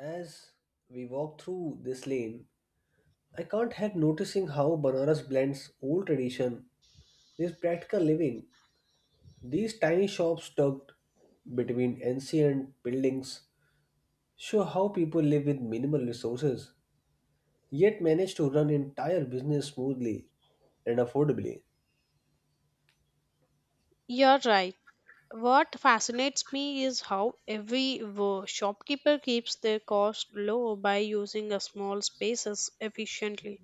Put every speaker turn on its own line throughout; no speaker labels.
As we walk through this lane, I can't help noticing how Banaras blends old tradition with practical living. These tiny shops tucked between ancient buildings show how people live with minimal resources, yet manage to run entire business smoothly and affordably.
You're right. What fascinates me is how shopkeeper keeps their cost low by using a small spaces efficiently.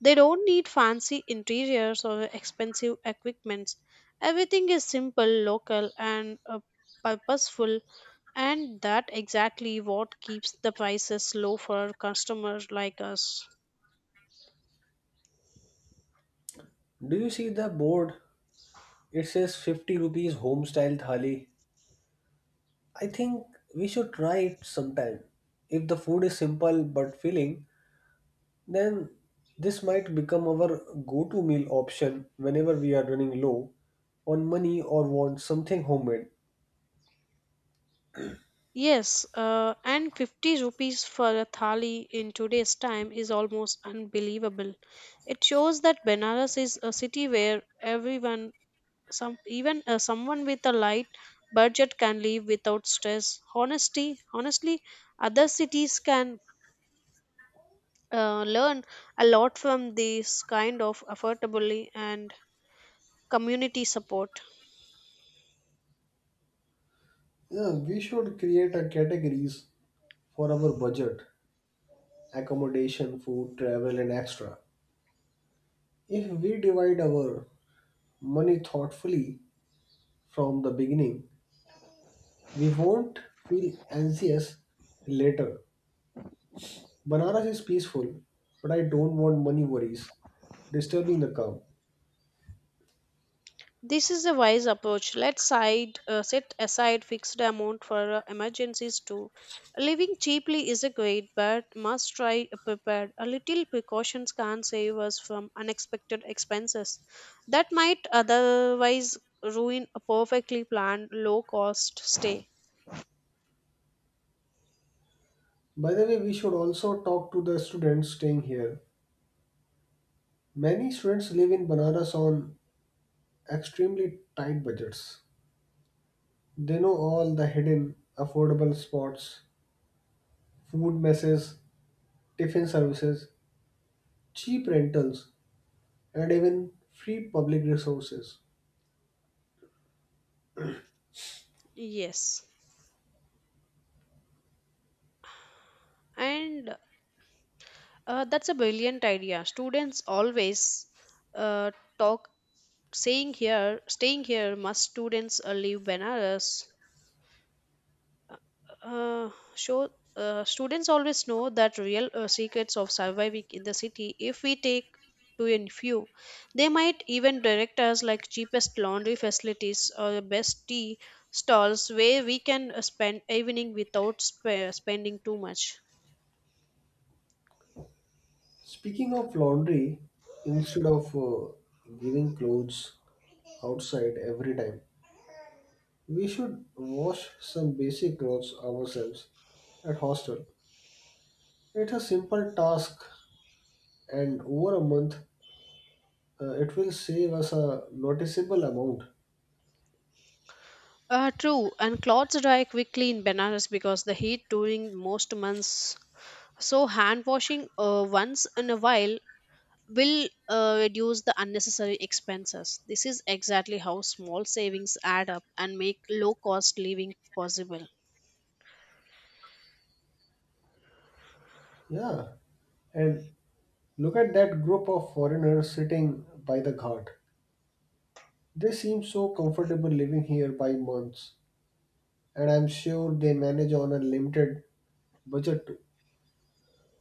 They don't need fancy interiors or expensive equipments. Everything is simple, local, and purposeful, and that exactly what keeps the prices low for customers like us.
Do you see the board? It says 50 rupees home style thali. I think we should try it sometime. If the food is simple but filling, then this might become our go to meal option whenever we are running low on money or want something homemade.
Yes, and 50 rupees for a thali in today's time is almost unbelievable. It shows that Benares is a city where everyone, some even someone with a light budget can live without stress. Honestly, other cities can learn a lot from this kind of affordability and community support.
Yeah, we should create a categories for our budget, accommodation, food, travel, and extra. If we divide our money thoughtfully from the beginning, we won't feel anxious later. Banaras is peaceful, but I don't want money worries disturbing the calm.
This is a wise approach. Let's set aside fixed amount for emergencies too. Living cheaply is a great, but must try prepared. A little precautions can save us from unexpected expenses that might otherwise ruin a perfectly planned low-cost stay.
By the way, we should also talk to the students staying here. Many students live in Banaras on extremely tight budgets. They know all the hidden, affordable spots, food messes, tiffin services, cheap rentals, and even free public resources.
Yes, and that's a brilliant idea. Students always uh, talk saying here staying here must students leave benares Uh, show students always know that real secrets of surviving in the city if we take to a few they might even direct us like cheapest laundry facilities or the best tea stalls where we can spend evening without spending too much
Speaking of laundry, instead of giving clothes outside every time, we should wash some basic clothes ourselves at hostel. It's a simple task, and over a month, it will save us a noticeable amount.
true and clothes dry quickly in banaras because the heat during most months so hand washing once in a while will reduce the unnecessary expenses. This is exactly how small savings add up and make low cost living possible.
Yeah, and look at that group of foreigners sitting by the ghat. They seem so comfortable living here by months, and I'm sure they manage on a limited budget too.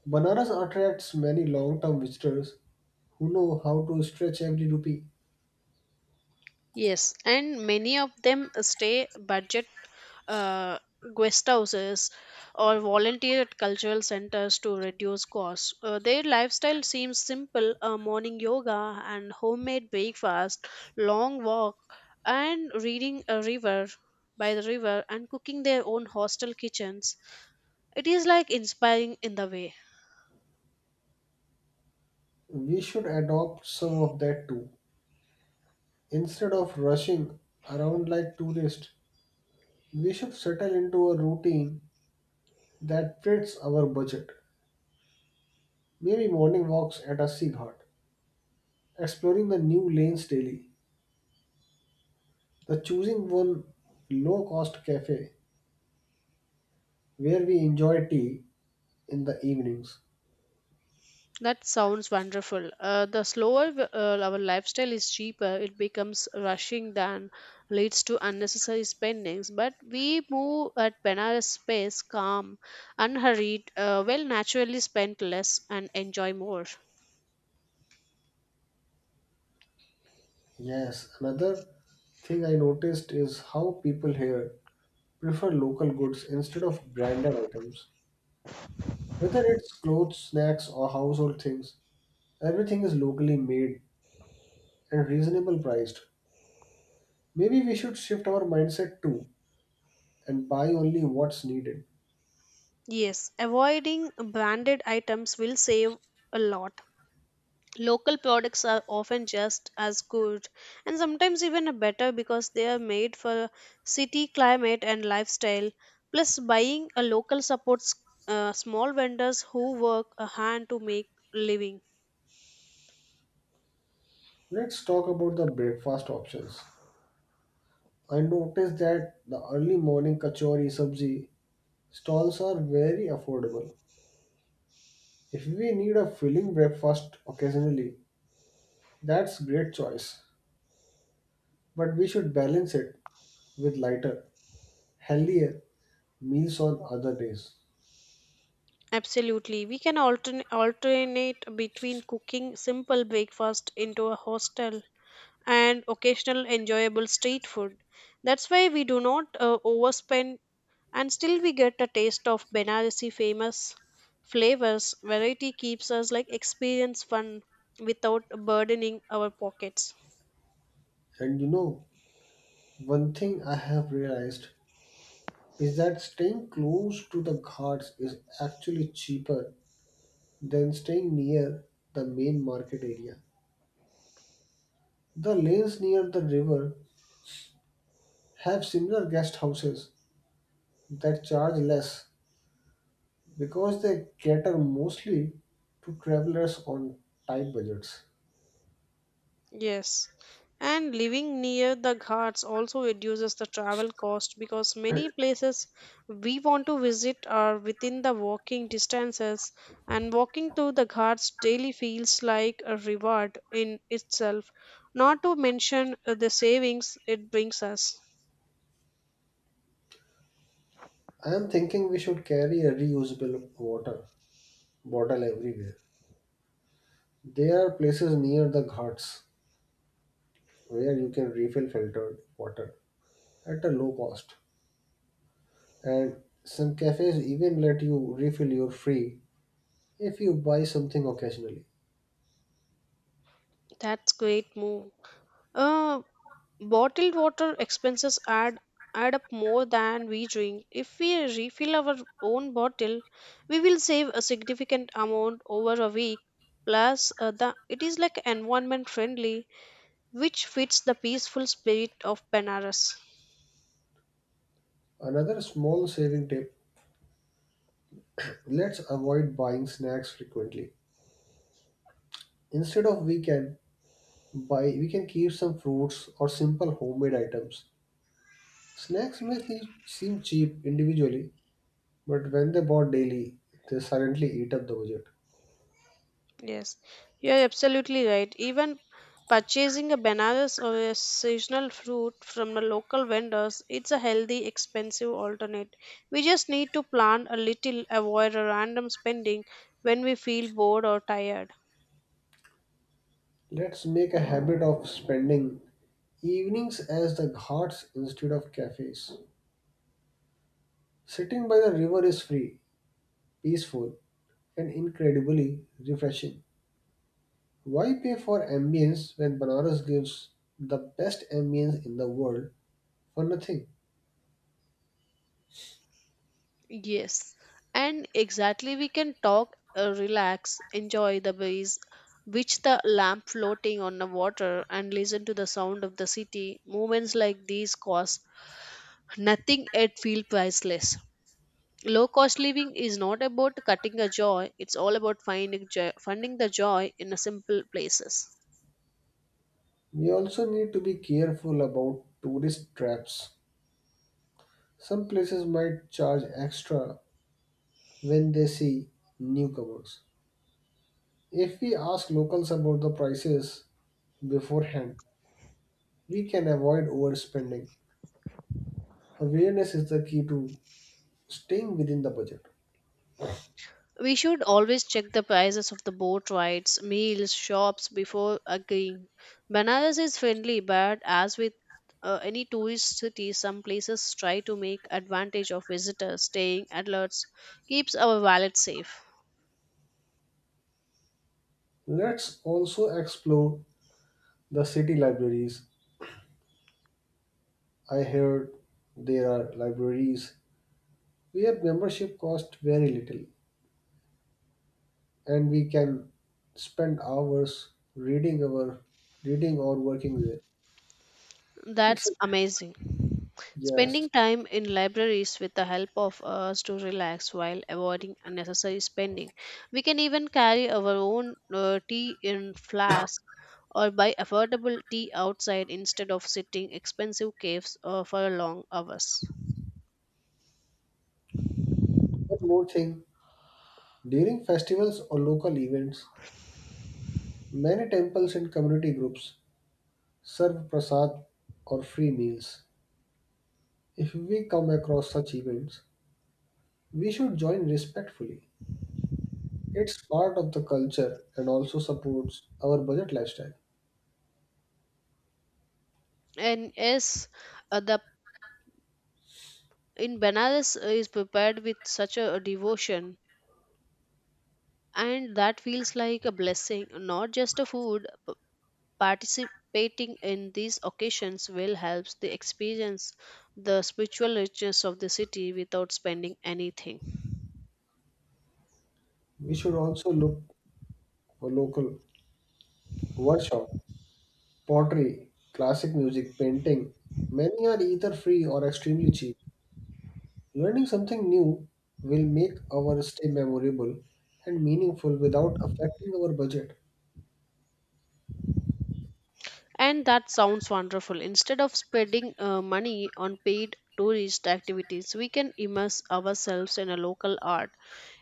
Banaras attracts many long term visitors who know how to stretch every rupee.
Yes, and many of them stay budget uh, guest houses or volunteer at cultural centers to reduce costs. Their lifestyle seems simple morning yoga and homemade breakfast, long walk, and reading a river by the river and cooking their own hostel kitchens. It is like inspiring in the way.
We should adopt some of that too, instead of rushing around like tourists. We should settle into a routine that fits our budget. Maybe morning walks at a seaghat, exploring the new lanes daily, the choosing one low cost cafe where we enjoy tea in the evenings.
That sounds wonderful. The slower our lifestyle is cheaper, it becomes rushing than leads to unnecessary spendings. But we move at Benares pace, calm, unhurried, will naturally spend less and enjoy more.
Yes, another thing I noticed is how people here prefer local goods instead of branded items. Whether it's clothes, snacks, or household things, everything is locally made and reasonable priced. Maybe we should shift our mindset too and buy only what's needed.
Yes, avoiding branded items will save a lot. Local products are often just as good and sometimes even better because they are made for city climate and lifestyle. Plus, buying a local supports small vendors who work a hand to make living.
Let's talk about the breakfast options. I noticed that the early morning kachori sabzi stalls are very affordable. If we need a filling breakfast occasionally, that's great choice. But we should balance it with lighter, healthier meals on other days.
Absolutely. We can alternate between cooking simple breakfast into a hostel and occasional enjoyable street food. That's why we do not overspend and still we get a taste of Benaresi famous flavors. Variety keeps us like experience fun without burdening our pockets.
And you know, one thing I have realized is that staying close to the ghats is actually cheaper than staying near the main market area. The lanes near the river have similar guest houses that charge less because they cater mostly to travelers on tight budgets.
Yes. And living near the ghats also reduces the travel cost because many places we want to visit are within the walking distances, and walking to the ghats daily feels like a reward in itself. Not to mention the savings it brings us.
I am thinking we should carry a reusable water bottle everywhere. There are places near the ghats where you can refill filtered water at a low cost, and some cafes even let you refill your free if you buy something occasionally.
That's great move. Uh, Bottled water expenses add up more than we drink. If we refill our own bottle, we will save a significant amount over a week. Plus, the it is like environment friendly, which fits the peaceful spirit of Benares.
Another small saving tip, let's avoid buying snacks frequently. Instead of we can buy we can keep some fruits or simple homemade items. Snacks seem cheap individually, but when they bought daily, they suddenly eat up the budget.
Yes, you are absolutely right. Even purchasing a bananas or a seasonal fruit from the local vendors, it's a healthy, expensive alternate. We just need to plan a little, avoid a random spending when we feel bored or tired.
Let's make a habit of spending evenings as the ghats instead of cafes. Sitting by the river is free, peaceful, and incredibly refreshing. Why pay for ambience when Banaras gives the best ambience in the world for nothing?
Yes, and exactly we can talk, relax, enjoy the breeze, watch the lamp floating on the water, and listen to the sound of the city. Moments like these cost nothing yet feel priceless. Low cost living is not about cutting a joy, it's all about finding joy, finding the joy in a simple places.
We also need to be careful about tourist traps. Some places might charge extra when they see newcomers. If we ask locals about the prices beforehand, we can avoid overspending. Awareness is the key to staying within the budget.
We should always check the prices of the boat rides, meals, shops before agreeing. Banaras is friendly, but as with any tourist city, some places try to make advantage of visitors. Staying alerts keeps our wallet safe.
Let's also explore the city libraries. I heard there are libraries where membership costs very little, and we can spend hours reading our reading or working there. It's
That's amazing.
yes.
Spending time in libraries with the help of us to relax while avoiding unnecessary spending. We can even carry our own tea in flask or buy affordable tea outside instead of sitting expensive caves for long hours.
One more thing, during festivals or local events, many temples and community groups serve prasad or free meals. If we come across such events, we should join respectfully. It's part of the culture and also supports our budget lifestyle.
And yes, the in Benares is prepared with such a devotion and that feels like a blessing not just a food. Participating in these occasions will help the experience the spiritual richness of the city without spending anything.
We should also look for local workshop. Pottery, classic music, painting, many are either free or extremely cheap. Learning something new will make our stay memorable and meaningful without affecting our budget.
And that sounds wonderful. Instead of spending money on paid tourist activities, we can immerse ourselves in a local art.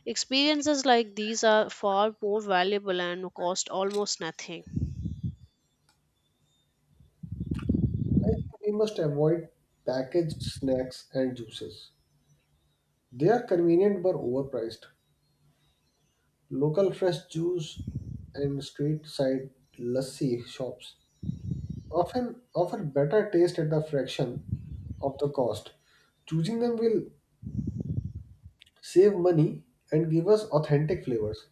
Experiences like these are far more valuable and cost almost nothing.
I think we must avoid packaged snacks and juices. They are convenient but overpriced. Local fresh juice and street side lassi shops often offer better taste at a fraction of the cost. Choosing them will save money and give us authentic flavors.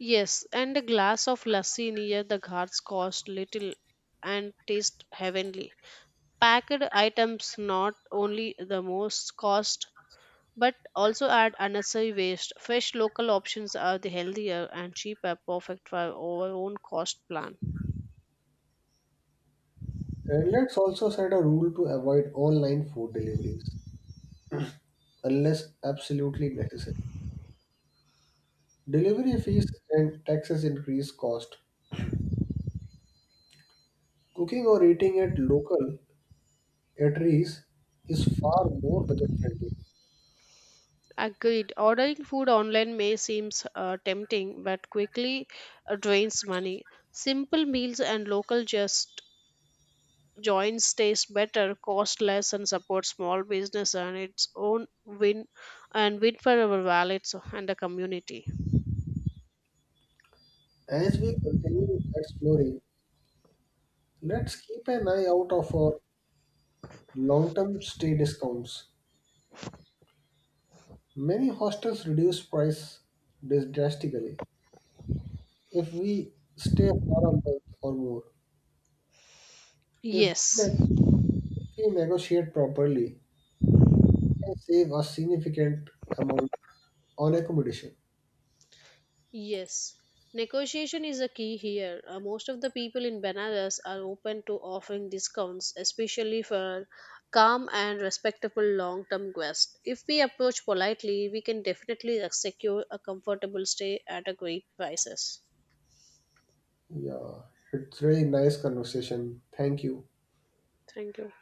Yes, and a glass of lassi near the ghats cost little and taste heavenly. Packed items not only the most cost but also add unnecessary waste. Fresh local options are the healthier and cheaper, perfect for our own cost plan.
And let's also set a rule to avoid online food deliveries unless absolutely necessary. Delivery fees and taxes increase cost. Cooking or eating at local eateries is far more budget friendly.
Agreed. Ordering food online may seem tempting but quickly drains money. Simple meals and local just joints taste better, cost less, and support small business and its own win and win for our wallets and the community.
As we continue exploring, let's keep an eye out of our long-term stay discounts. Many hostels reduce price drastically if we stay for a month or more. If we
Yes.
if we negotiate properly, we can save a significant amount on accommodation.
Yes, negotiation is a key here. Most of the people in Benares are open to offering discounts, especially for calm and respectable long term guests. If we approach politely, we can definitely secure a comfortable stay at a great prices.
Yeah, it's really nice conversation. Thank you.
Thank you.